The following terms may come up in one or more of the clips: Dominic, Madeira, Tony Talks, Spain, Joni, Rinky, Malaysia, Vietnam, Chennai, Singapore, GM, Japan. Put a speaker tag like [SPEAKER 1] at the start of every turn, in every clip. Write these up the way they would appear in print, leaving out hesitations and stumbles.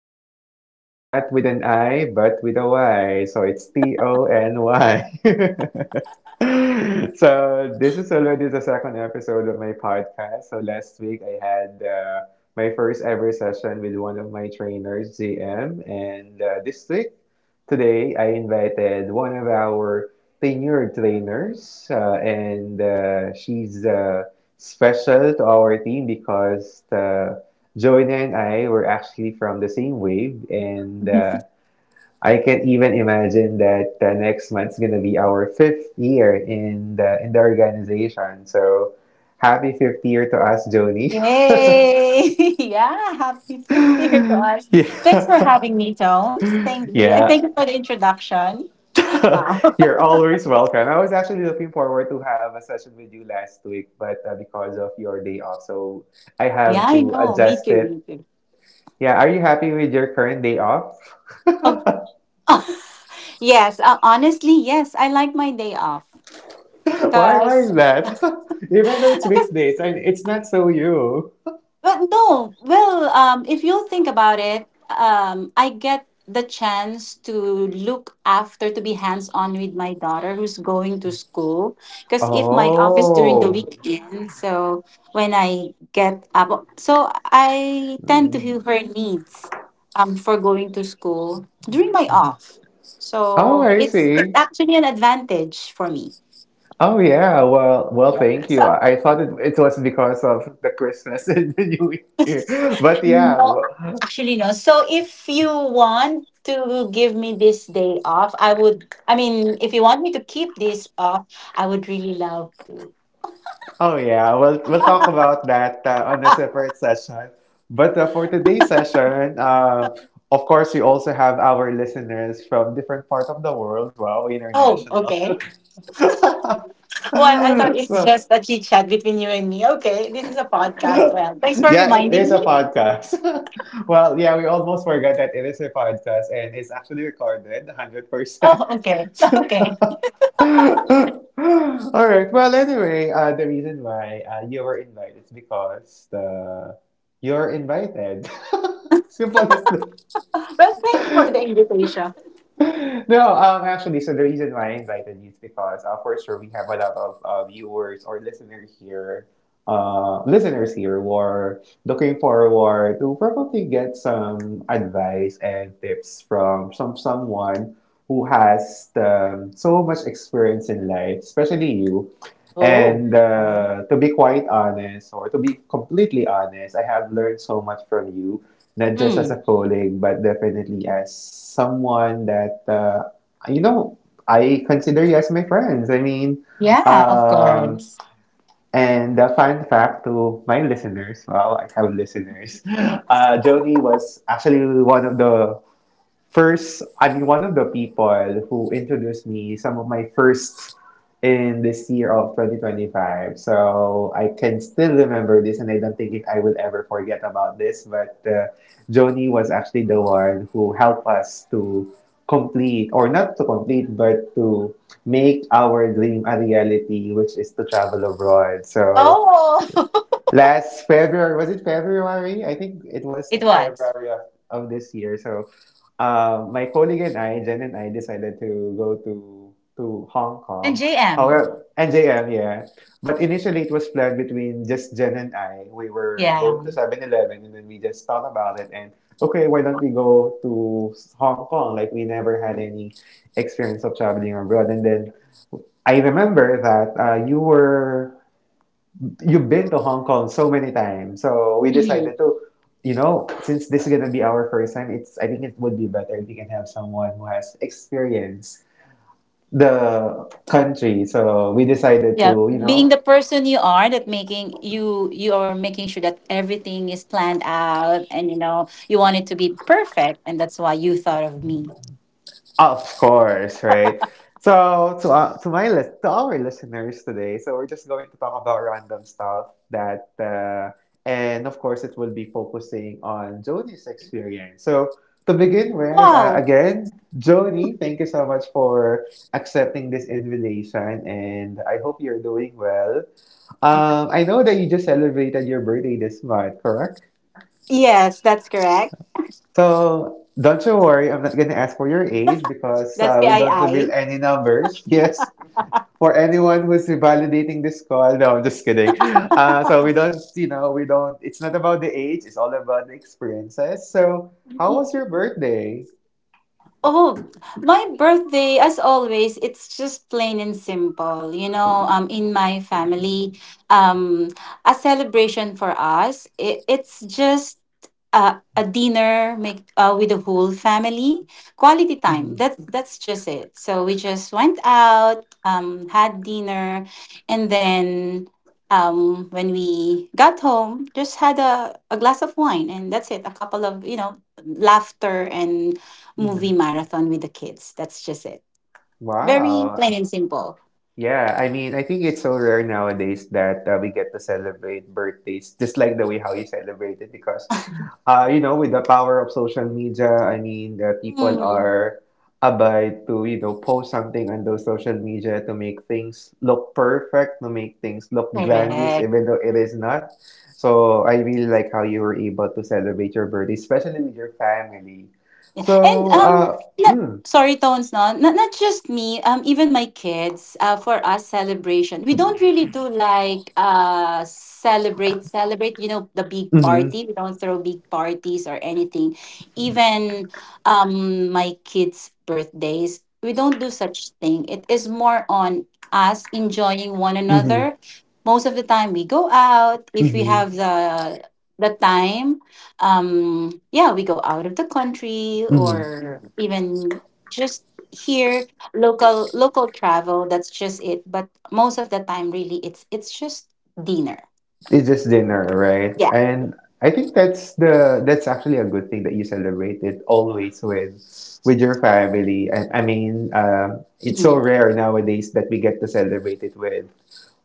[SPEAKER 1] Talks, not with an I, but with a Y. So, it's Tony. So, this is already the second episode of my podcast. So, last week I had my first ever session with one of my trainers, GM, and this week today I invited one of our tenured trainers, and she's special to our team because Joanna and I were actually from the same wave, and I can even imagine that next month's gonna be our fifth year in the organization. So happy fifth year to us, Joni.
[SPEAKER 2] Yay! Yeah, happy 50th to us. Thanks for
[SPEAKER 1] Yeah.
[SPEAKER 2] having me, Tones. Thank you. And
[SPEAKER 1] Yeah,
[SPEAKER 2] thank you for the introduction. Wow.
[SPEAKER 1] you're always welcome. I was actually looking forward to have a session with you last week, but because of your day off, so I
[SPEAKER 2] Yeah,
[SPEAKER 1] have
[SPEAKER 2] I
[SPEAKER 1] to
[SPEAKER 2] know. Me
[SPEAKER 1] adjust
[SPEAKER 2] too.
[SPEAKER 1] it.
[SPEAKER 2] Me too.
[SPEAKER 1] Yeah, are you happy with your current day off?
[SPEAKER 2] Oh, yes, honestly, yes, I like my day off
[SPEAKER 1] Why? Why
[SPEAKER 2] because
[SPEAKER 1] is that? Even though it's weekdays, and it's not so you.
[SPEAKER 2] But no. Well, if you think about it, I get the chance to look after, to be hands on with my daughter who's going to school. Because if my office during the
[SPEAKER 1] Oh,
[SPEAKER 2] weekend, so when I get up, so I tend to hear her needs for going to school during my off.
[SPEAKER 1] oh,
[SPEAKER 2] So
[SPEAKER 1] I
[SPEAKER 2] it's
[SPEAKER 1] see.
[SPEAKER 2] actually an advantage for me.
[SPEAKER 1] Oh yeah. Well, thank
[SPEAKER 2] So
[SPEAKER 1] you. I thought it was because of the Christmas and the New Year, but yeah.
[SPEAKER 2] no,
[SPEAKER 1] Well,
[SPEAKER 2] actually, no. So if you want to give me this day off, I would, I mean, if you want me to keep this off, I would really love to.
[SPEAKER 1] oh yeah, we'll talk about that on a separate session. But for today's session, of course, we also have our listeners from different parts of the world. Wow,
[SPEAKER 2] Oh,
[SPEAKER 1] international.
[SPEAKER 2] okay. Well, I thought
[SPEAKER 1] So
[SPEAKER 2] it's just a chit chat between you and me. Okay, this is a podcast. Well, thanks for
[SPEAKER 1] yeah, it is
[SPEAKER 2] reminding
[SPEAKER 1] a
[SPEAKER 2] me.
[SPEAKER 1] podcast. Well, yeah, we almost forgot that it is a podcast and it's actually recorded 100%.
[SPEAKER 2] Oh, okay. Okay.
[SPEAKER 1] All right. Well, anyway, the reason why you were invited is because the you're invited. Simple as that.
[SPEAKER 2] Well, thank you for the invitation.
[SPEAKER 1] No, actually, so the reason why I invited you is because for sure we have a lot of viewers or listeners here who are looking forward to probably get some advice and tips from someone who has so much experience in life, especially you.
[SPEAKER 2] Oh,
[SPEAKER 1] And
[SPEAKER 2] okay.
[SPEAKER 1] to be quite honest, or to be completely honest, I have learned so much from you not just as
[SPEAKER 2] Hmm.
[SPEAKER 1] a colleague, but definitely as someone that you know I consider you as my friends. I mean,
[SPEAKER 2] Yeah, of
[SPEAKER 1] um,
[SPEAKER 2] course.
[SPEAKER 1] and a fun fact to my listeners. Wow, I have listeners. Joni was actually one of the first, I'm one of the people who introduced me some of my first in this year of 2025. So I can still remember this, and I don't think I will ever forget about this. But Joni was actually the one who helped us to complete, or not to complete, but to make our dream a reality, which is to travel abroad. So
[SPEAKER 2] Oh,
[SPEAKER 1] last February, was it February? I think it was
[SPEAKER 2] it
[SPEAKER 1] in
[SPEAKER 2] was.
[SPEAKER 1] February of this year. So, my colleague and I, Jen and I, decided to go to Hong
[SPEAKER 2] And
[SPEAKER 1] Kong.
[SPEAKER 2] JM.
[SPEAKER 1] However, NJM, yeah. But initially, it was planned between just Jen and I. We were
[SPEAKER 2] Yeah.
[SPEAKER 1] going to 7-Eleven, and then we just thought about it and okay, why don't we go to Hong Kong? Like we never had any experience of traveling abroad, and then I remember that you were you've been to Hong Kong so many times. So we decided
[SPEAKER 2] Mhm.
[SPEAKER 1] to, you know, since this is gonna be our first time, it's I think it would be better if we can have someone who has experienced the country. So we decided
[SPEAKER 2] Yeah,
[SPEAKER 1] to, you
[SPEAKER 2] being
[SPEAKER 1] know,
[SPEAKER 2] the person you are that making you are making sure that everything is planned out and you know you want it to be perfect and that's why you thought of me.
[SPEAKER 1] of course, right? So to my list to our listeners today, so we're just going to talk about random stuff that and of course it will be focusing on Joni's experience. So to begin with,
[SPEAKER 2] Wow.
[SPEAKER 1] again, Joni, thank you so much for accepting this invitation, and I hope you're doing well. I know that you just celebrated your birthday this month, correct?
[SPEAKER 2] Yes, that's correct.
[SPEAKER 1] So don't you worry, I'm not going to ask for your age because
[SPEAKER 2] That's
[SPEAKER 1] we don't reveal
[SPEAKER 2] PII.
[SPEAKER 1] any numbers. Yes, for anyone who's validating this call. No, I'm just kidding. So we don't, you know, we don't, it's not about the age, it's all about the experiences. So how was your birthday?
[SPEAKER 2] Oh, my birthday, as always, it's just plain and simple. You know, in my family, um, a celebration for us, it's just a dinner make with the whole family, quality time.
[SPEAKER 1] hmm
[SPEAKER 2] That's just it. So we just went out, had dinner, and then when we got home, just had a glass of wine, and that's it. A couple of laughter and movie
[SPEAKER 1] hmm
[SPEAKER 2] marathon with the kids. That's just it. Very plain
[SPEAKER 1] Wow.
[SPEAKER 2] and simple.
[SPEAKER 1] Yeah, I mean, I think it's so rare nowadays that we get to celebrate birthdays just like the way how you celebrate it because you know, with the power of social media, I mean, the people
[SPEAKER 2] Hmm.
[SPEAKER 1] are about to, you know, post something on those social media to make things look perfect, to make things look grandiose,
[SPEAKER 2] Correct.
[SPEAKER 1] even though it is not. So I really like how you were able to celebrate your birthday, especially with your family.
[SPEAKER 2] Yeah. And
[SPEAKER 1] So,
[SPEAKER 2] not, sorry Tones, no, not just me, even my kids. For us celebration, we don't really do like celebrate celebrate, you know, the big
[SPEAKER 1] mm-hmm,
[SPEAKER 2] party. We don't throw big parties or anything, even my kids' birthdays. We don't do such thing. It is more on us enjoying one
[SPEAKER 1] mm-hmm,
[SPEAKER 2] another. Most of the time we go out if we
[SPEAKER 1] mm-hmm,
[SPEAKER 2] have the time. Yeah, we go out of the country
[SPEAKER 1] mm-hmm.
[SPEAKER 2] or even just here, local local travel. That's just it. But most of the time, really, it's just dinner.
[SPEAKER 1] It's just dinner, right?
[SPEAKER 2] Yeah.
[SPEAKER 1] And I think that's the that's actually a good thing that you celebrate it always with your family. I mean, it's so
[SPEAKER 2] Mhm.
[SPEAKER 1] rare nowadays that we get to celebrate it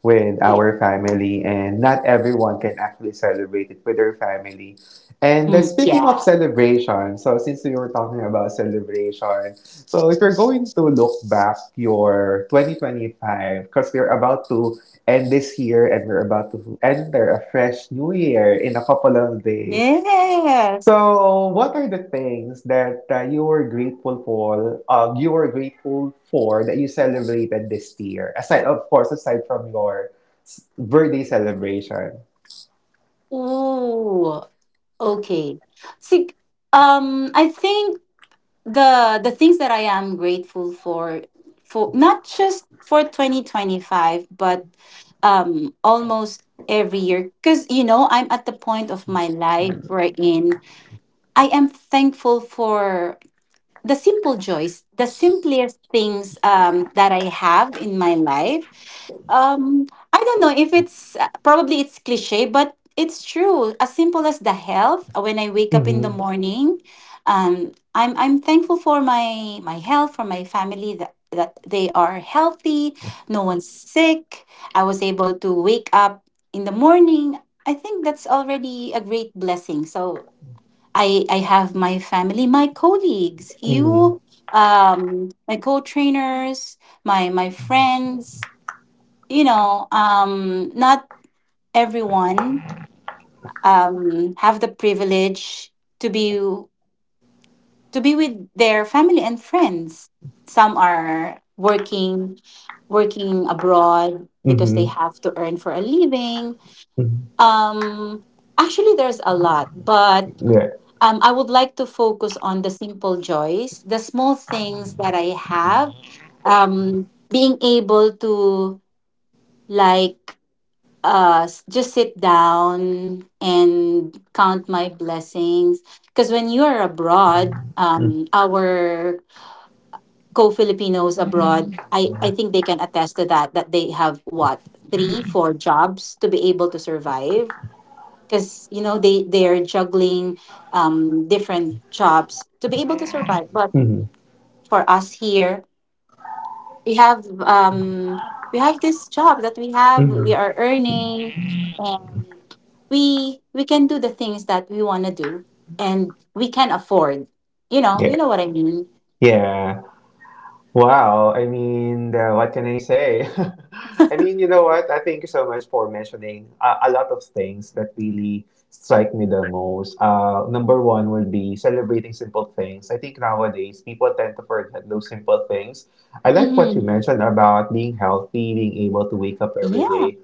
[SPEAKER 1] with
[SPEAKER 2] Y-
[SPEAKER 1] our family, and not everyone can actually celebrate it with their family. And
[SPEAKER 2] mm,
[SPEAKER 1] speaking of
[SPEAKER 2] yeah.
[SPEAKER 1] celebration, so since we were talking about celebration, so if you're going to look back your 2025, because we're about to end this year and we're about to enter a fresh new year in a couple of days.
[SPEAKER 2] Yes.
[SPEAKER 1] So, what are the things that you were grateful for? You were grateful for that you celebrated this year. Aside, of course, aside from your birthday celebration.
[SPEAKER 2] Ooh, okay, see, I think the things that I am grateful for not just for 2025 but almost every year, cuz you know I'm at the point of my life wherein I am thankful for the simple joys, the simplest things that I have in my life. um, I don't know if it's probably it's cliche, but it's true. As simple as the health. When I wake up in the
[SPEAKER 1] Mm-hmm.
[SPEAKER 2] morning, I'm thankful for my health, for my family that that they are healthy. No one's sick. I was able to wake up in the morning. I think that's already a great blessing. So I have my family, my colleagues,
[SPEAKER 1] Mm-hmm.
[SPEAKER 2] you, my co-trainers, my friends, you know. Not everyone have the privilege to be to be with their family and friends. Some are working working abroad because they
[SPEAKER 1] Mm-hmm.
[SPEAKER 2] have to earn for a living. Um, Actually, there's a lot, but
[SPEAKER 1] Yeah.
[SPEAKER 2] I would like to focus on the simple joys, the small things that I have, being able to like just sit down and count my blessings because when you are abroad, our co-Filipinos abroad, I think they can attest to that, that they have what, 3 4 jobs to be able to survive, because you know they are juggling different jobs to be able to survive. But
[SPEAKER 1] Mm-hmm.
[SPEAKER 2] for us here, we have um we have this job that we have,
[SPEAKER 1] Mm-hmm.
[SPEAKER 2] we are earning, and we can do the things that we want to do, and we can afford, you know,
[SPEAKER 1] Yeah.
[SPEAKER 2] you know what I mean.
[SPEAKER 1] Yeah. Wow, I mean, what can I say? I mean, you know what? I thank you so much for mentioning a lot of things that really strike me the most. Number one would be celebrating simple things. I think nowadays people tend to forget those simple things. I like what you
[SPEAKER 2] Mm-hmm.
[SPEAKER 1] mentioned about being healthy, being able to wake up every
[SPEAKER 2] Yeah.
[SPEAKER 1] day.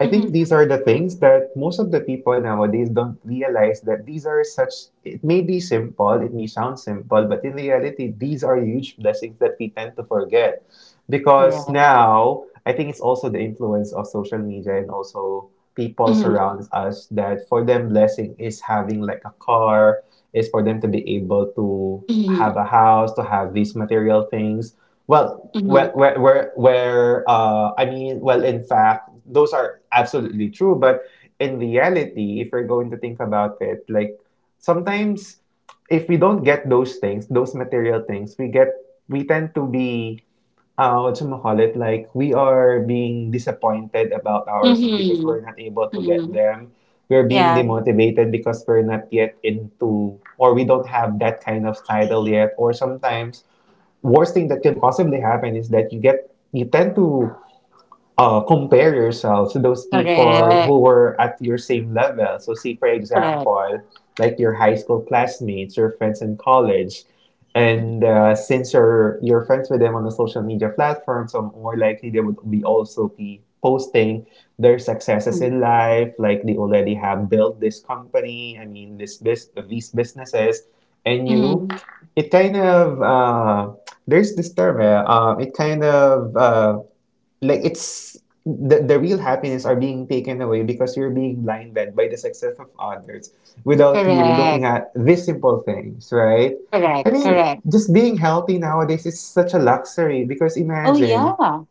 [SPEAKER 1] I
[SPEAKER 2] Mm-hmm.
[SPEAKER 1] think these are the things that most of the people nowadays don't realize that these are such, it may be simple, it may sound simple, but in reality, these are huge blessings that we tend to forget. Because
[SPEAKER 2] Correct.
[SPEAKER 1] now I think it's also the influence of social media and also people
[SPEAKER 2] Mm-hmm.
[SPEAKER 1] surrounds us that for them blessing is having like a car is for them to be able to have
[SPEAKER 2] Mm-hmm.
[SPEAKER 1] a house to have these material things. Well,
[SPEAKER 2] Mm-hmm.
[SPEAKER 1] where I mean well in fact those are absolutely true but in reality if we're going to think about it like sometimes if we don't get those things those material things we get we tend to be what you call it, like we are being disappointed about ourselves because
[SPEAKER 2] Mm-hmm.
[SPEAKER 1] we're not able to get
[SPEAKER 2] Mm-hmm.
[SPEAKER 1] them. We're being
[SPEAKER 2] Yeah.
[SPEAKER 1] demotivated because we're not yet into, or we don't have that kind of title yet. Or sometimes, worst thing that can possibly happen is that you get, you tend to compare yourself to those people
[SPEAKER 2] Correct,
[SPEAKER 1] who were at your same level. So, see, for
[SPEAKER 2] correct.
[SPEAKER 1] example, like your high school classmates, your friends in college, and since you're friends with them on the social media platform, so more likely they would be also be posting their successes in life, like they already have built this company. I mean, these businesses, and you,
[SPEAKER 2] Mm-hmm.
[SPEAKER 1] it kind of there's this term. It kind of like it's the real happiness are being taken away because you're being blinded by the success of others without you looking
[SPEAKER 2] Correct.
[SPEAKER 1] at these simple things, right? I
[SPEAKER 2] Correct,
[SPEAKER 1] mean,
[SPEAKER 2] correct.
[SPEAKER 1] just being healthy nowadays is such a luxury because
[SPEAKER 2] Oh
[SPEAKER 1] imagine,
[SPEAKER 2] yeah,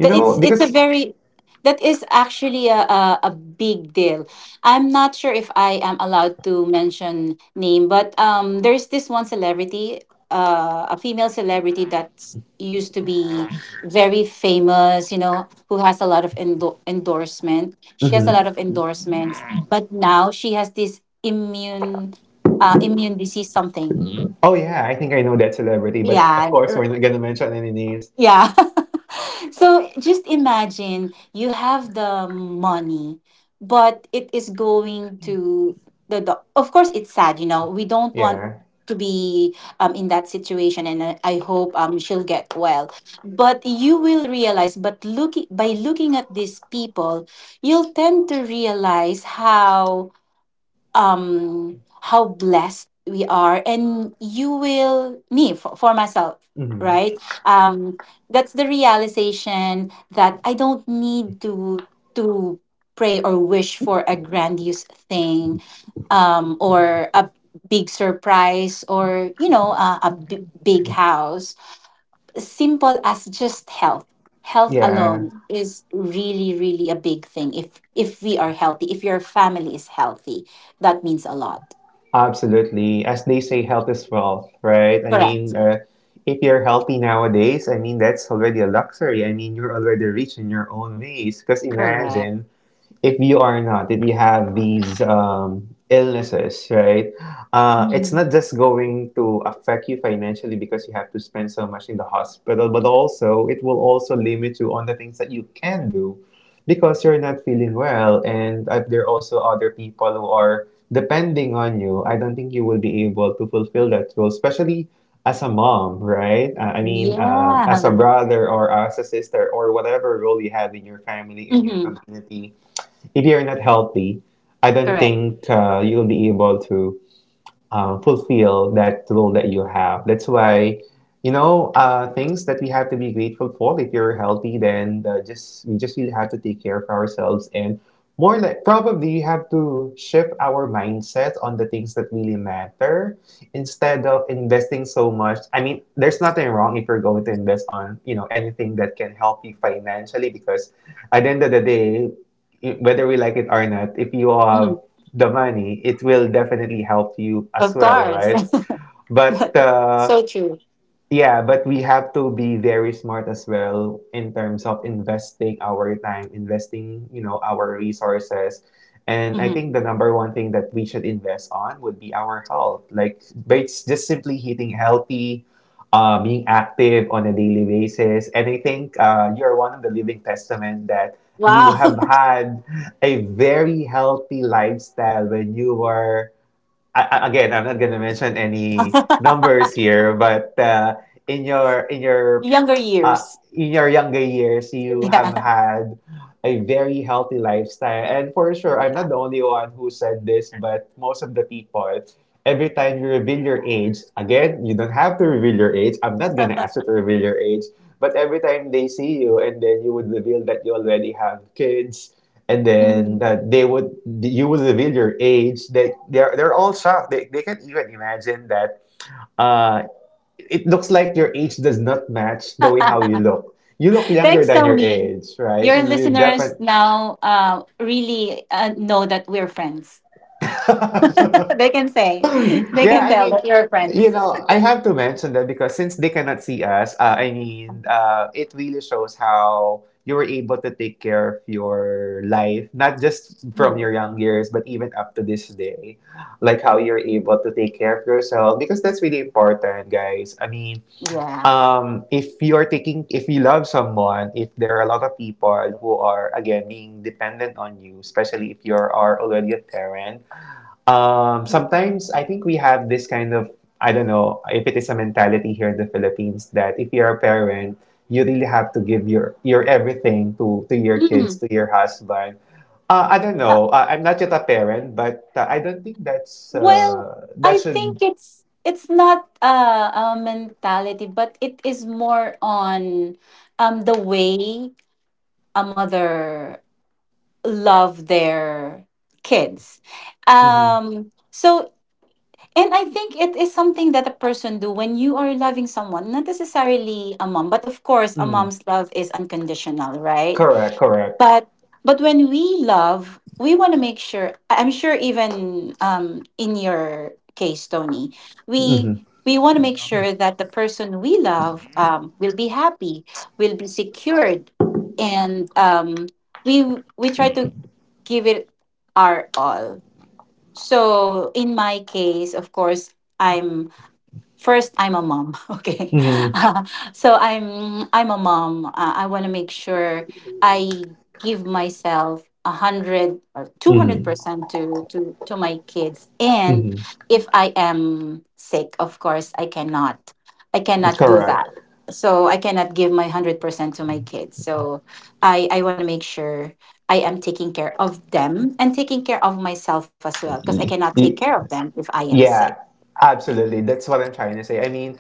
[SPEAKER 1] you
[SPEAKER 2] that
[SPEAKER 1] know,
[SPEAKER 2] it's a
[SPEAKER 1] because,
[SPEAKER 2] very that is actually a big deal. I'm not sure if I am allowed to mention name, but there's this one celebrity, a female celebrity that used to be very famous, you know, who has a lot of endo- endorsement. She has a
[SPEAKER 1] mhm.
[SPEAKER 2] lot of endorsements, but now she has this immune, immune disease something.
[SPEAKER 1] Oh yeah, I think I know that celebrity, but of
[SPEAKER 2] Yeah,
[SPEAKER 1] course, we're
[SPEAKER 2] er,
[SPEAKER 1] not gonna mention any names.
[SPEAKER 2] yeah. So just imagine you have the money, but it is going to the, of course it's sad, you know. We don't want
[SPEAKER 1] Yeah.
[SPEAKER 2] to be in that situation, and I hope she'll get well. But you will realize but looking by looking at these people, you'll tend to realize how blessed we are. And you will, me, for myself,
[SPEAKER 1] Mhm.
[SPEAKER 2] right, that's the realization that I don't need to pray or wish for a grandiose thing, or a big surprise, or, you know, a b- big house. Simple as just health. Health
[SPEAKER 1] Yeah.
[SPEAKER 2] alone is really really a big thing. If we are healthy, if your family is healthy, that means a lot.
[SPEAKER 1] Absolutely. As they say, health is wealth, right? I
[SPEAKER 2] Correct.
[SPEAKER 1] mean, if you're healthy nowadays, I mean, that's already a luxury. I mean, you're already rich in your own ways. Because
[SPEAKER 2] Correct.
[SPEAKER 1] imagine if you are not, if you have these illnesses, right, it's
[SPEAKER 2] Mhm.
[SPEAKER 1] not just going to affect you financially because you have to spend so much in the hospital, but also it will also limit you on the things that you can do because you're not feeling well. And there are also other people who are depending on you. I don't think you will be able to fulfill that role, especially as a mom, right? I mean,
[SPEAKER 2] Yeah.
[SPEAKER 1] as a brother or as a sister or whatever role you have in your family, in your
[SPEAKER 2] Hmm.
[SPEAKER 1] community if you're not healthy, I don't
[SPEAKER 2] Correct.
[SPEAKER 1] think you'll be able to fulfill that role that you have. That's why, you know, things that we have to be grateful for. If you're healthy, then just we just really have to take care of ourselves and more like probably you have to shift our mindset on the things that really matter instead of investing so much. I mean, there's nothing wrong if you're going to invest on anything that can help you financially because at the end of the day, whether we like it or not, if you have
[SPEAKER 2] Mhm.
[SPEAKER 1] the money, it will definitely help you as
[SPEAKER 2] Of
[SPEAKER 1] well,
[SPEAKER 2] course.
[SPEAKER 1] right? But uh,
[SPEAKER 2] So true.
[SPEAKER 1] yeah, but we have to be very smart as well in terms of investing our time, investing, you know, our resources. And I think the
[SPEAKER 2] Hmm.
[SPEAKER 1] number one thing that we should invest on would be our health. Like, but it's just simply eating healthy, being active on a daily basis. And I think you're one of the living testament that you
[SPEAKER 2] Wow.
[SPEAKER 1] have had a very healthy lifestyle when you were again, I'm not gonna mention any numbers here, but in your in your
[SPEAKER 2] Younger
[SPEAKER 1] uh,
[SPEAKER 2] years.
[SPEAKER 1] in your younger years, you have
[SPEAKER 2] Yeah.
[SPEAKER 1] had a very healthy lifestyle, and for sure, I'm
[SPEAKER 2] Yeah.
[SPEAKER 1] not the only one who said this, but most of the people every time you reveal your age, again, you don't have to reveal your age. I'm not gonna ask you to reveal your age. But every time they see you, and then you would reveal that you already have kids, and then
[SPEAKER 2] Mhm.
[SPEAKER 1] you would reveal your age. They're all shocked. They can't even imagine that. Uh, it looks like your age does not match the way how you look. You look younger
[SPEAKER 2] Thanks,
[SPEAKER 1] than your
[SPEAKER 2] Tony.
[SPEAKER 1] age, right?
[SPEAKER 2] Your
[SPEAKER 1] You
[SPEAKER 2] listeners
[SPEAKER 1] definitely
[SPEAKER 2] now really know that we're friends. They can say, they
[SPEAKER 1] Yeah,
[SPEAKER 2] can
[SPEAKER 1] I
[SPEAKER 2] tell
[SPEAKER 1] mean,
[SPEAKER 2] that you're
[SPEAKER 1] you
[SPEAKER 2] friends.
[SPEAKER 1] know, I have to mention that because since they cannot see us, it really shows how you were able to take care of your life, not just from
[SPEAKER 2] Mhm.
[SPEAKER 1] your young years, but even up to this day. Like how you're able to take care of yourself, because that's really important, guys. I mean,
[SPEAKER 2] Yeah.
[SPEAKER 1] if you're taking, if you love someone, if there are a lot of people who are, again, being dependent on you, especially if you are already a parent, sometimes I think we have this kind of, I don't know if it is a mentality here in the Philippines that if you're a parent, you really have to give your everything to your kids,
[SPEAKER 2] Mm.
[SPEAKER 1] to your husband. I don't
[SPEAKER 2] Uh,
[SPEAKER 1] know. I'm not yet a parent, but I don't think that's,
[SPEAKER 2] well,
[SPEAKER 1] that
[SPEAKER 2] I think
[SPEAKER 1] should,
[SPEAKER 2] it's not a mentality, but it is more on the way a mother love their kids.
[SPEAKER 1] mm-hmm,
[SPEAKER 2] Um, so And I think it is something that a person do when you are loving someone, not necessarily a mom, but of course a
[SPEAKER 1] mm-hmm.
[SPEAKER 2] mom's love is unconditional, right?
[SPEAKER 1] Correct, correct.
[SPEAKER 2] But when we love, we want to make sure, I- I'm sure even in your case, Tony, we
[SPEAKER 1] Mm-hmm,
[SPEAKER 2] we want to make sure that the person we love will be happy, will be secured, and, we we try to give it our all. So in my case, of course, I'm first, I'm a mom. Okay,
[SPEAKER 1] mm-hmm,
[SPEAKER 2] uh, so I'm a mom. I want to make sure I give myself 100 or 200% to my kids.
[SPEAKER 1] mm-hmm,
[SPEAKER 2] And
[SPEAKER 1] mm-hmm.
[SPEAKER 2] if I am sick, of course, I cannot do that.
[SPEAKER 1] Correct.
[SPEAKER 2] So I cannot give my 100% to my kids. So I want to make sure I am taking care of them and taking care of myself as well, because I
[SPEAKER 1] Y-
[SPEAKER 2] cannot take
[SPEAKER 1] y-
[SPEAKER 2] care of them if I am sick.
[SPEAKER 1] Yeah,
[SPEAKER 2] Yeah.
[SPEAKER 1] absolutely. That's what I'm trying to say. I mean,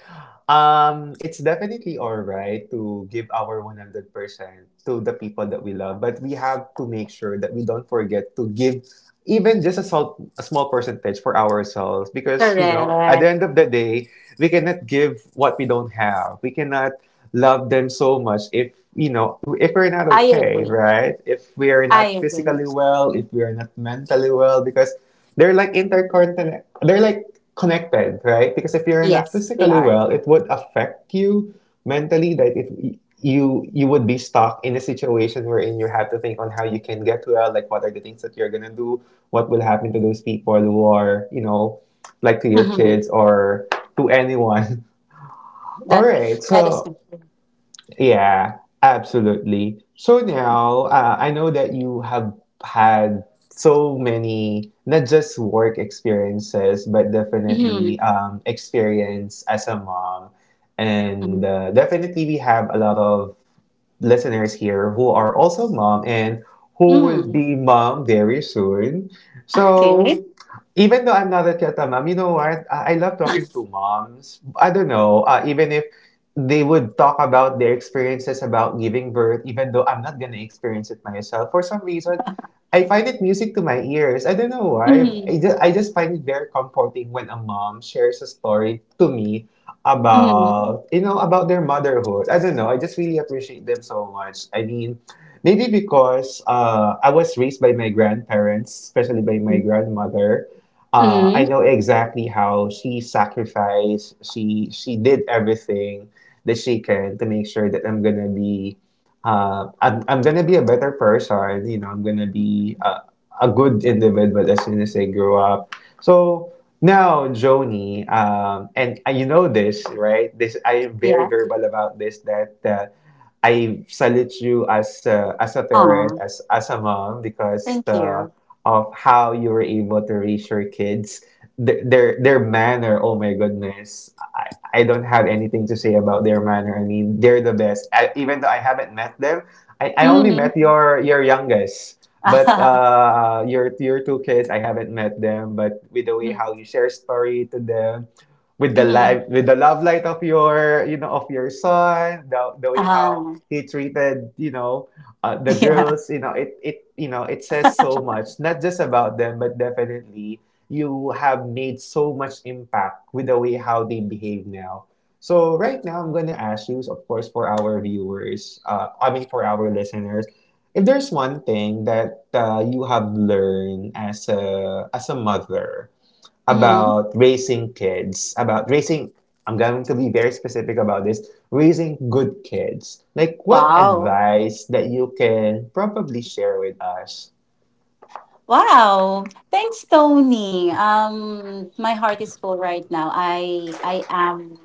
[SPEAKER 1] it's definitely all right to give our 100% to the people that we love, but we have to make sure that we don't forget to give even just a salt a small percentage for ourselves because, you know, at
[SPEAKER 2] Correct.
[SPEAKER 1] the end of the day, we cannot give what we don't have. We cannot love them so much if, you know, if we're not
[SPEAKER 2] I
[SPEAKER 1] okay,
[SPEAKER 2] agree.
[SPEAKER 1] right? If we are
[SPEAKER 2] I
[SPEAKER 1] not
[SPEAKER 2] agree.
[SPEAKER 1] physically well, if we are not mentally well, because they're like interconnected, they're like connected, right? Because if you're not
[SPEAKER 2] Yes, they
[SPEAKER 1] physically
[SPEAKER 2] are.
[SPEAKER 1] well, it would affect you mentally that it you you would be stuck in a situation wherein you have to think on how you can get well, like what are the things that you're gonna do, what will happen to those people who are, you know, like to your
[SPEAKER 2] Mm-hmm.
[SPEAKER 1] kids or to anyone. All
[SPEAKER 2] That
[SPEAKER 1] right,
[SPEAKER 2] is
[SPEAKER 1] so
[SPEAKER 2] true.
[SPEAKER 1] yeah, absolutely. So now, I know that you have had so many, not just work experiences, but definitely
[SPEAKER 2] Mm-hmm.
[SPEAKER 1] experience as a mom. And
[SPEAKER 2] Mm-hmm.
[SPEAKER 1] definitely, we have a lot of listeners here who are also mom and who will
[SPEAKER 2] Mm.
[SPEAKER 1] be mom very soon.
[SPEAKER 2] Okay.
[SPEAKER 1] So even though I'm not a yet a mom, you know what? I love talking to moms. I don't know, even if they would talk about their experiences about giving birth, even though I'm not gonna experience it myself. For some reason, I find it music to my ears. I don't know why.
[SPEAKER 2] Mm-hmm.
[SPEAKER 1] I just find it very comforting when a mom shares a story to me
[SPEAKER 2] Mm-hmm.
[SPEAKER 1] about about their motherhood. I don't know. I just really appreciate them so much. I mean, maybe because I was raised by my grandparents, especially by my grandmother. I
[SPEAKER 2] Mm-hmm.
[SPEAKER 1] know exactly how she sacrificed. She did everything that she can to make sure that I'm gonna be. I'm gonna be a better person. You know, I'm gonna be a good individual as soon as I grow up so now, Joni, and you know this, right? This I am very
[SPEAKER 2] Yeah.
[SPEAKER 1] verbal about this. That I salute you as a
[SPEAKER 2] Aw,
[SPEAKER 1] parent, as a mom, because
[SPEAKER 2] thank
[SPEAKER 1] the,
[SPEAKER 2] you.
[SPEAKER 1] of how you were able to raise your kids. Their manner, oh my goodness, I don't have anything to say about their manner. I mean, they're the best. I, even though I haven't met them, I only met
[SPEAKER 2] Mm-hmm.
[SPEAKER 1] your youngest. But your two kids, I haven't met them, but with the way how you share story to them, with the
[SPEAKER 2] Mm-hmm.
[SPEAKER 1] life, with the love light of your you know of your son, the way how
[SPEAKER 2] Uh,
[SPEAKER 1] he treated you know the
[SPEAKER 2] yeah.
[SPEAKER 1] girls, you know it it you know it says so much, not just about them, but definitely you have made so much impact with the way how they behave now. So right now, I'm gonna ask you, of course, for our viewers, for our listeners, if there's one thing that you have learned as a mother
[SPEAKER 2] Mm-hmm.
[SPEAKER 1] about raising kids, about raising, I'm going to be very specific about this, raising good kids. Like, what
[SPEAKER 2] Wow.
[SPEAKER 1] advice that you can probably share with us?
[SPEAKER 2] Wow. Thanks, Tony. My heart is full right now. I am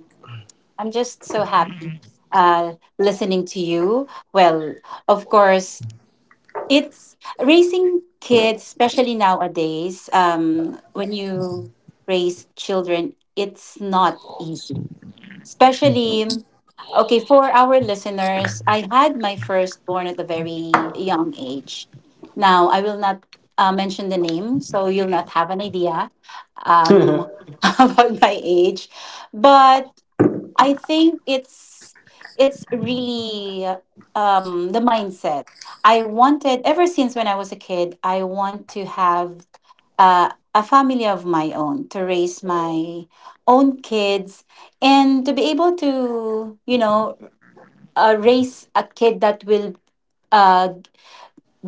[SPEAKER 2] I'm just so happy uh listening to you. Well, of course, it's raising kids, especially nowadays, when you raise children, it's not easy. Especially, okay, for our listeners, I had my firstborn at a very young age. Now, I will not mention the name, so you'll not have an idea um, about my age. But I think it's really the mindset. I wanted ever since when I was a kid, I want to have a family of my own to raise my own kids, and to be able to, you know, raise a kid that will uh,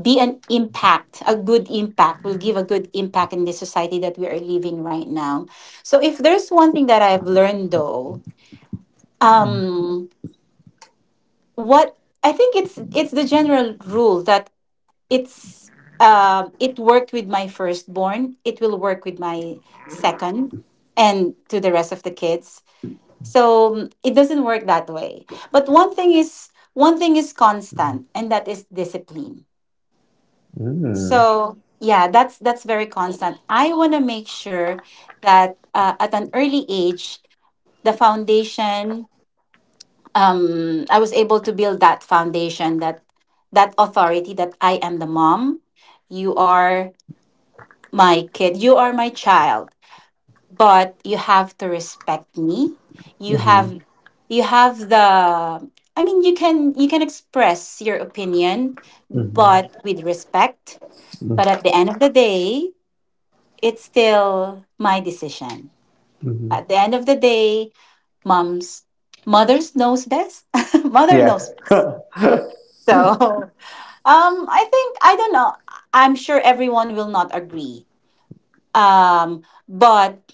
[SPEAKER 2] be an impact a good impact, will give a good impact in the society that we are living right now. So if there's one thing that I've learned though, um what I think it's the general rule that it's it worked with my firstborn, it will work with my second and to the rest of the kids. So mm, it doesn't work that way. But one thing is constant, and that is discipline.
[SPEAKER 1] Mm.
[SPEAKER 2] So yeah, that's very constant. I want to make sure that at an early age the foundation, I was able to build that foundation, that that authority, that I am the mom. You are my kid. You are my child, but you have to respect me. You
[SPEAKER 1] Mm-hmm.
[SPEAKER 2] have you have the, I mean, you can express your opinion
[SPEAKER 1] Mm-hmm.
[SPEAKER 2] but with respect, but at the end of the day, it's still my decision.
[SPEAKER 1] Mm-hmm.
[SPEAKER 2] At the end of the day, moms mothers knows best. Mother
[SPEAKER 1] Yeah.
[SPEAKER 2] knows best. So, I think I don't know. I'm sure everyone will not agree. Um, but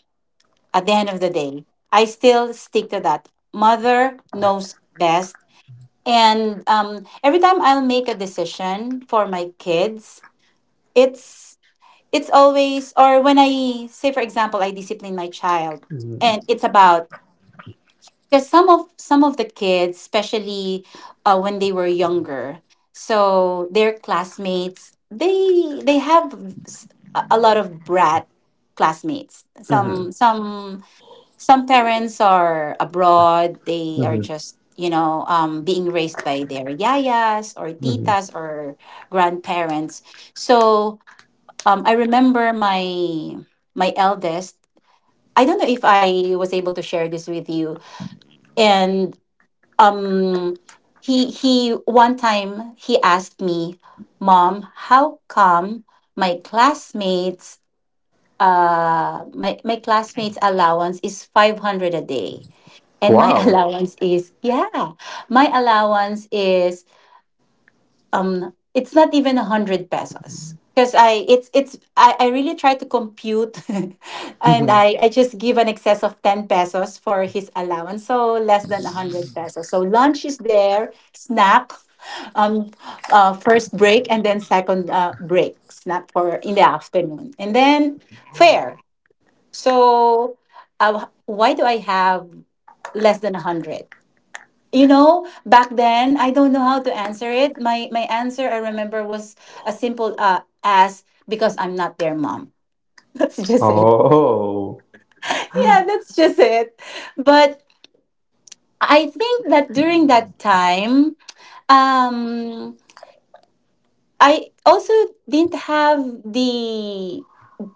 [SPEAKER 2] at the end of the day, I still stick to that. Mother knows best. And every time I'll make a decision for my kids, it's it's always, or when I say, for example, I discipline my child and it's about, because some of the kids, especially when they were younger, so their classmates, they have a lot of brat classmates. Some
[SPEAKER 1] Mm-hmm.
[SPEAKER 2] some some parents are abroad, they are
[SPEAKER 1] Mm-hmm.
[SPEAKER 2] just being raised by their yayas or
[SPEAKER 1] Mm-hmm.
[SPEAKER 2] titas or grandparents. So I remember my my eldest, I don't know if I was able to share this with you. And um he, one time, he asked me, "Mom, how come my classmates, my classmates allowance is 500 a day and my
[SPEAKER 1] Wow.
[SPEAKER 2] allowance is" yeah, my allowance is it's not even a hundred pesos, because I it's I really try to compute and
[SPEAKER 1] Mm-hmm.
[SPEAKER 2] I just give an excess of 10 pesos for his allowance, so less than a hundred pesos. So lunch is there, snack, um first break, and then second break snack for in the afternoon, and then fare. So why do I have less than 100? You know, back then I don't know how to answer it. My answer I remember was as simple as, because I'm not their mom. That's just it.
[SPEAKER 1] Oh.
[SPEAKER 2] Yeah, that's just it. But I think that during that time, um I also didn't have the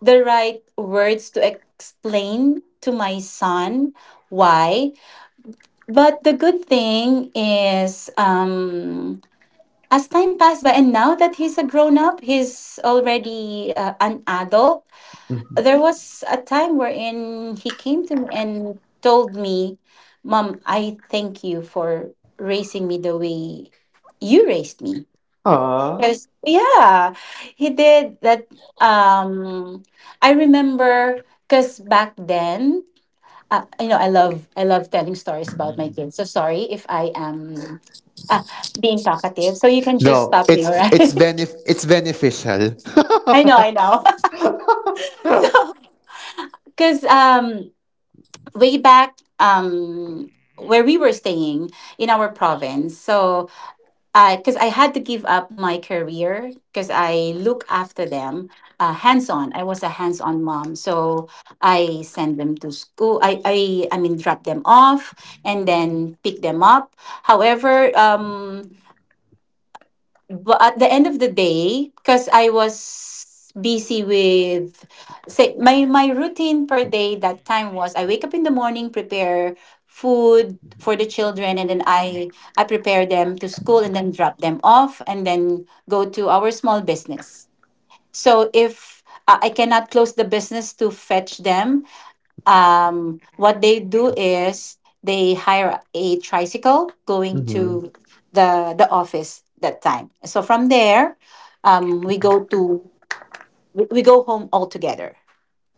[SPEAKER 2] the right words to explain to my son why. But the good thing is, as time passed by, and now that he's a grown up, he's already an adult.
[SPEAKER 1] Mm-hmm.
[SPEAKER 2] There was a time wherein he came to me and told me, "Mom, I thank you for raising me the way you raised me."
[SPEAKER 1] Aw.
[SPEAKER 2] Because, yeah, he did that. Um, I remember because back then, I love telling stories about my kids. So sorry if I am uh, being talkative. So you can just
[SPEAKER 1] No,
[SPEAKER 2] stop me, all
[SPEAKER 1] it's
[SPEAKER 2] right?
[SPEAKER 1] it's beneficial.
[SPEAKER 2] I know, I know. So, because way back, where we were staying in our province. So because I had to give up my career because I look after them hands on. I was a hands on mom. So I send them to school. I mean, drop them off and then pick them up. However, but at the end of the day, because I was busy with, say, my routine per day, that time was I wake up in the morning, prepare food for the children, and then I prepare them to school and then drop them off and then go to our small business. So if I cannot close the business to fetch them, what they do is they hire a tricycle going
[SPEAKER 1] Hmm.
[SPEAKER 2] to the office that time. So from there, we go to we go home all together.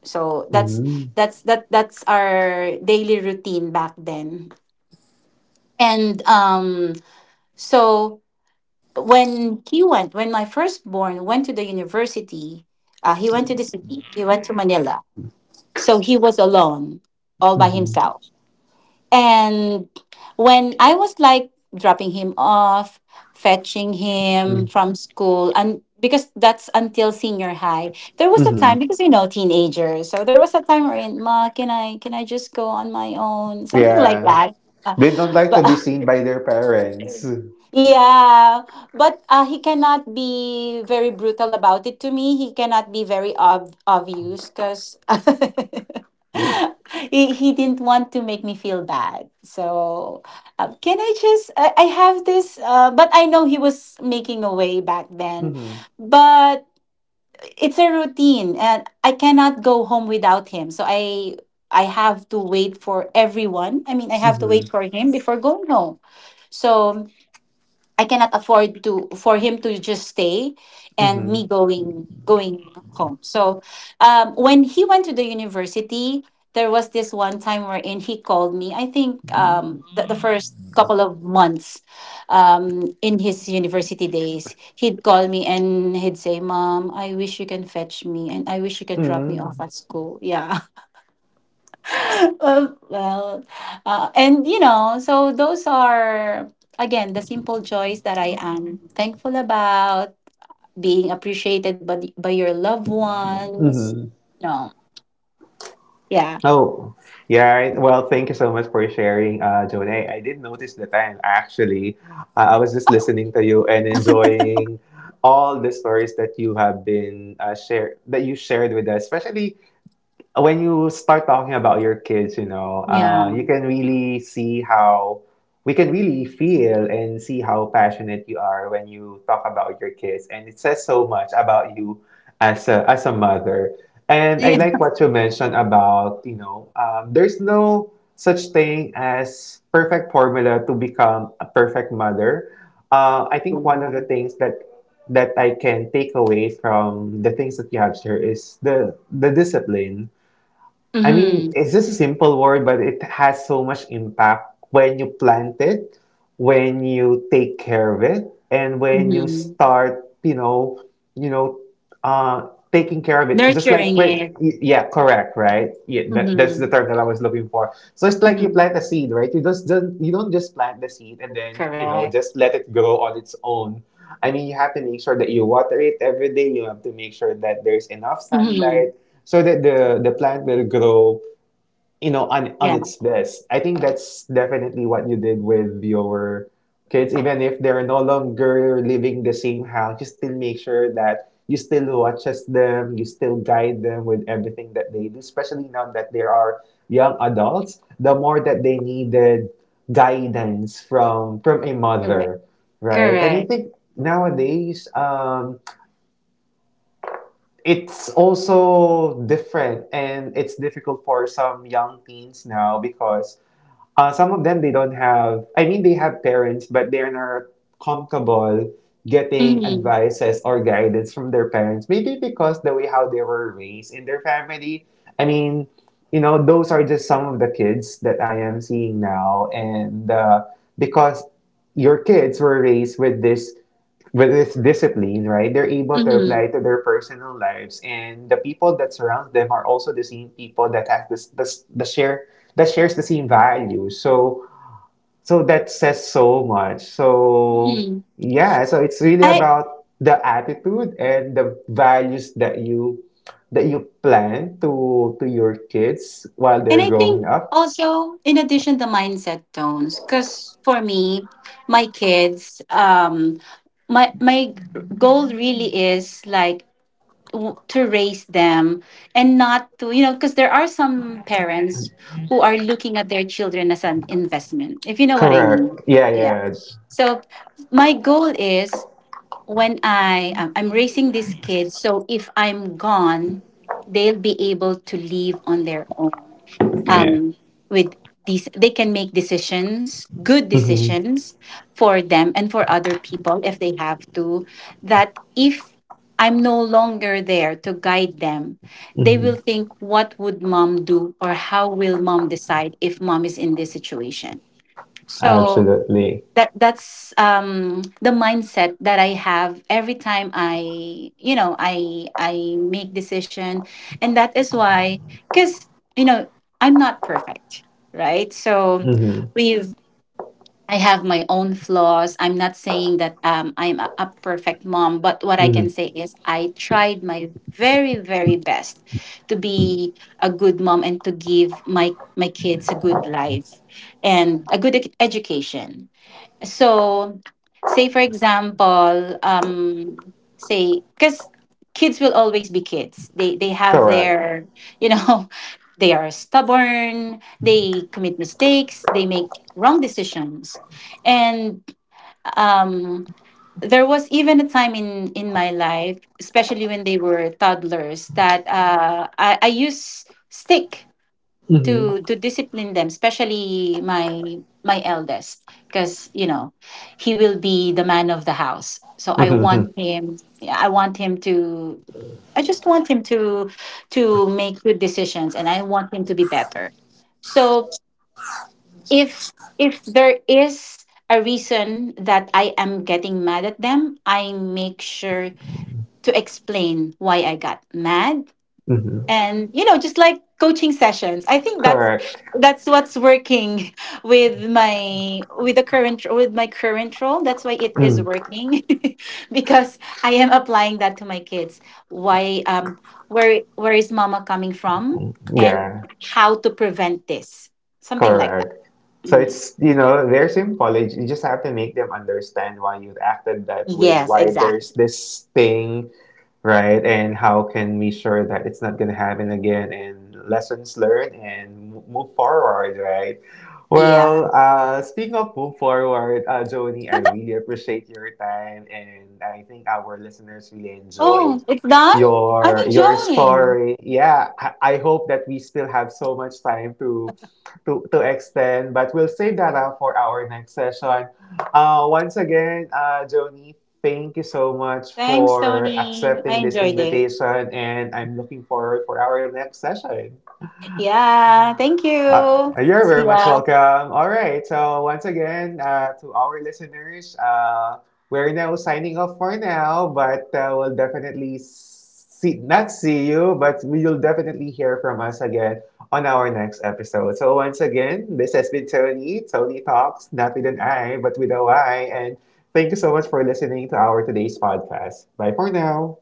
[SPEAKER 2] So that's
[SPEAKER 1] Hmm.
[SPEAKER 2] that's that that's our daily routine back then. And so when he went, when my firstborn went to the university, he went to the city. He went to Manila. So he was alone, all by
[SPEAKER 1] Hmm.
[SPEAKER 2] himself. And when I was like dropping him off, fetching him from school, and because that's until senior high, there was a
[SPEAKER 1] Hmm.
[SPEAKER 2] time, because you know teenagers, so there was a time wherein, "Ma, can I just go on my own," something like
[SPEAKER 1] Yeah,
[SPEAKER 2] that. Uh,
[SPEAKER 1] they don't like to
[SPEAKER 2] but
[SPEAKER 1] be seen by their parents.
[SPEAKER 2] yeah, but he cannot be very brutal about it to me. He cannot be very obvious, because
[SPEAKER 1] Mm-hmm.
[SPEAKER 2] he didn't want to make me feel bad. So, "Can I just, I have this, uh," but I know he was making a way back then.
[SPEAKER 1] Hmm.
[SPEAKER 2] But it's a routine, and I cannot go home without him. So, I have to wait for everyone. I mean, I have to wait
[SPEAKER 1] Hmm.
[SPEAKER 2] for him before going home. So I cannot afford to, for him to just stay and me going home. So when he went to the university, there was this one time wherein he called me. I think the first couple of months in his university days, he'd call me and he'd say, "Mom, I wish you can fetch me, and I wish you can drop me off
[SPEAKER 1] Mm-hmm.
[SPEAKER 2] at school." Yeah, well, well, and you know, so those are again the simple joys that I am thankful about, being appreciated by the- by your loved ones.
[SPEAKER 1] Mm-hmm.
[SPEAKER 2] No, yeah,
[SPEAKER 1] Oh, yeah, right. Well, thank you so much for sharing, Jonay. I did notice the time actually. I was just listening to you and enjoying all the stories that you have been shared that you shared with us, especially when you start talking about your kids, you know,
[SPEAKER 2] yeah,
[SPEAKER 1] you can really see how we can really feel and see how passionate you are when you talk about your kids, and it says so much about you as a mother. And I
[SPEAKER 2] yeah.
[SPEAKER 1] like what you mentioned about you know, there's no such thing as perfect formula to become a perfect mother. I think one of the things that that I can take away from the things that you have shared is the discipline. I mean,
[SPEAKER 2] Mm-hmm.
[SPEAKER 1] it's just a simple word, but it has so much impact when you plant it, when you take care of it, and when you
[SPEAKER 2] Mm-hmm.
[SPEAKER 1] start, you know, uh, taking care of it just like
[SPEAKER 2] Nurturing
[SPEAKER 1] with
[SPEAKER 2] it.
[SPEAKER 1] yeah correct right yeah that, that's the
[SPEAKER 2] Mm-hmm.
[SPEAKER 1] term that I was looking for. So it's like you
[SPEAKER 2] Mm-hmm.
[SPEAKER 1] plant a seed, right? You just don't you don't just plant the seed and then you know
[SPEAKER 2] Correct.
[SPEAKER 1] just let it grow on its own. I mean you have to make sure that you water it every day, you have to make sure that there's enough
[SPEAKER 2] Mm-hmm.
[SPEAKER 1] sunlight so that the plant will grow you know, on
[SPEAKER 2] Yeah.
[SPEAKER 1] its best. I think that's definitely what you did with your kids. Even if they're no longer living the same house, you still make sure that you still watches them, you still guide them with everything that they do, especially now that they are young adults, the more that they needed guidance from a
[SPEAKER 2] Correct.
[SPEAKER 1] mother, right? And I
[SPEAKER 2] Correct.
[SPEAKER 1] think nowadays it's also different and it's difficult for some young teens now because some of them they don't have. I mean, they have parents, but they're not comfortable getting
[SPEAKER 2] Mm-hmm.
[SPEAKER 1] advices or guidance from their parents. Maybe because the way how they were raised in their family. I mean, you know, those are just some of the kids that I am seeing now, and because your kids were raised with this discipline, right, they're able to
[SPEAKER 2] Mm-hmm.
[SPEAKER 1] apply to their personal lives, and the people that surround them are also the same people that have this, this the share that shares the same values. So, so that says so much. So,
[SPEAKER 2] Mm-hmm.
[SPEAKER 1] yeah, so it's really
[SPEAKER 2] I
[SPEAKER 1] about the attitude and the values that you plan to your kids while
[SPEAKER 2] and
[SPEAKER 1] they're
[SPEAKER 2] I
[SPEAKER 1] growing
[SPEAKER 2] think
[SPEAKER 1] up.
[SPEAKER 2] also, in addition, the mindset tones, because for me, my kids, my goal really is like, to raise them and not to, you know, because there are some parents who are looking at their children as an investment, if you know what I
[SPEAKER 1] Correct.
[SPEAKER 2] mean.
[SPEAKER 1] Yeah,
[SPEAKER 2] Yeah,
[SPEAKER 1] yeah,
[SPEAKER 2] so my goal is, when I'm raising these kids, so if I'm gone, they'll be able to live on their own.
[SPEAKER 1] yeah.
[SPEAKER 2] Um, with these, they can make decisions, good
[SPEAKER 1] Mm-hmm.
[SPEAKER 2] decisions for them and for other people if they have to. That if I'm no longer there to guide them, they will
[SPEAKER 1] Mm-hmm.
[SPEAKER 2] think, what would mom do, or how will mom decide if mom is in this situation? So
[SPEAKER 1] Absolutely.
[SPEAKER 2] that that's the mindset that I have every time I you know I make decision. And that is why, because you know, I'm not perfect, right? So
[SPEAKER 1] Mm-hmm.
[SPEAKER 2] we've I have my own flaws. I'm not saying that I'm a perfect mom, but what I can
[SPEAKER 1] Mm-hmm.
[SPEAKER 2] say is I tried my very very best to be a good mom and to give my my kids a good life and a good education. So, say for example, say, because kids will always be kids. They have
[SPEAKER 1] Correct.
[SPEAKER 2] their, you know they are stubborn. They commit mistakes. They make wrong decisions, and um, there was even a time in my life, especially when they were toddlers, that I use stick
[SPEAKER 1] Mm-hmm.
[SPEAKER 2] to discipline them, especially my my eldest, because you know, he will be the man of the house, so I want
[SPEAKER 1] Mm-hmm.
[SPEAKER 2] him, yeah, I want him to, I just want him to make good decisions, and I want him to be better. So if if there is a reason that I am getting mad at them, I make sure to explain why I got mad,
[SPEAKER 1] Mm-hmm.
[SPEAKER 2] and you know, just like coaching sessions. I think
[SPEAKER 1] Correct.
[SPEAKER 2] that's what's working with my with the current, with my current role. That's why it is
[SPEAKER 1] Mm.
[SPEAKER 2] working because I am applying that to my kids. Why where is mama coming from, and
[SPEAKER 1] Yeah,
[SPEAKER 2] how to prevent this, something like that.
[SPEAKER 1] correct. So
[SPEAKER 2] Mm.
[SPEAKER 1] it's, you know, they're symbolic. You just have to make them understand why you acted that way,
[SPEAKER 2] Yes,
[SPEAKER 1] why there's
[SPEAKER 2] exactly.
[SPEAKER 1] this thing, right? And how can we sure that it's not going to happen again and lessons learned and move forward, right?
[SPEAKER 2] Yeah.
[SPEAKER 1] Well, speaking of move forward, Joni, I really appreciate your time and I think our listeners really
[SPEAKER 2] Oh,
[SPEAKER 1] enjoyed
[SPEAKER 2] it's done. I'm
[SPEAKER 1] your
[SPEAKER 2] enjoying.
[SPEAKER 1] story. Yeah, I hope that we still have so much time to extend, but we'll save that up for our next session. Once again, Joni, thank you so much
[SPEAKER 2] Thanks,
[SPEAKER 1] for
[SPEAKER 2] Tony, I
[SPEAKER 1] accepting this
[SPEAKER 2] enjoyed it.
[SPEAKER 1] invitation, and I'm looking forward for our next session.
[SPEAKER 2] Yeah, thank
[SPEAKER 1] Uh,
[SPEAKER 2] you.
[SPEAKER 1] you're very
[SPEAKER 2] See
[SPEAKER 1] much
[SPEAKER 2] ya.
[SPEAKER 1] welcome. All right. So, once again, to our listeners, we're now signing off for now, but we'll definitely see, not see you, but you'll definitely hear from us again on our next episode. So, once again, this has been Tony, Tony Talks, not with an I, but with a Y. And thank you so much for listening to our today's podcast. Bye for now.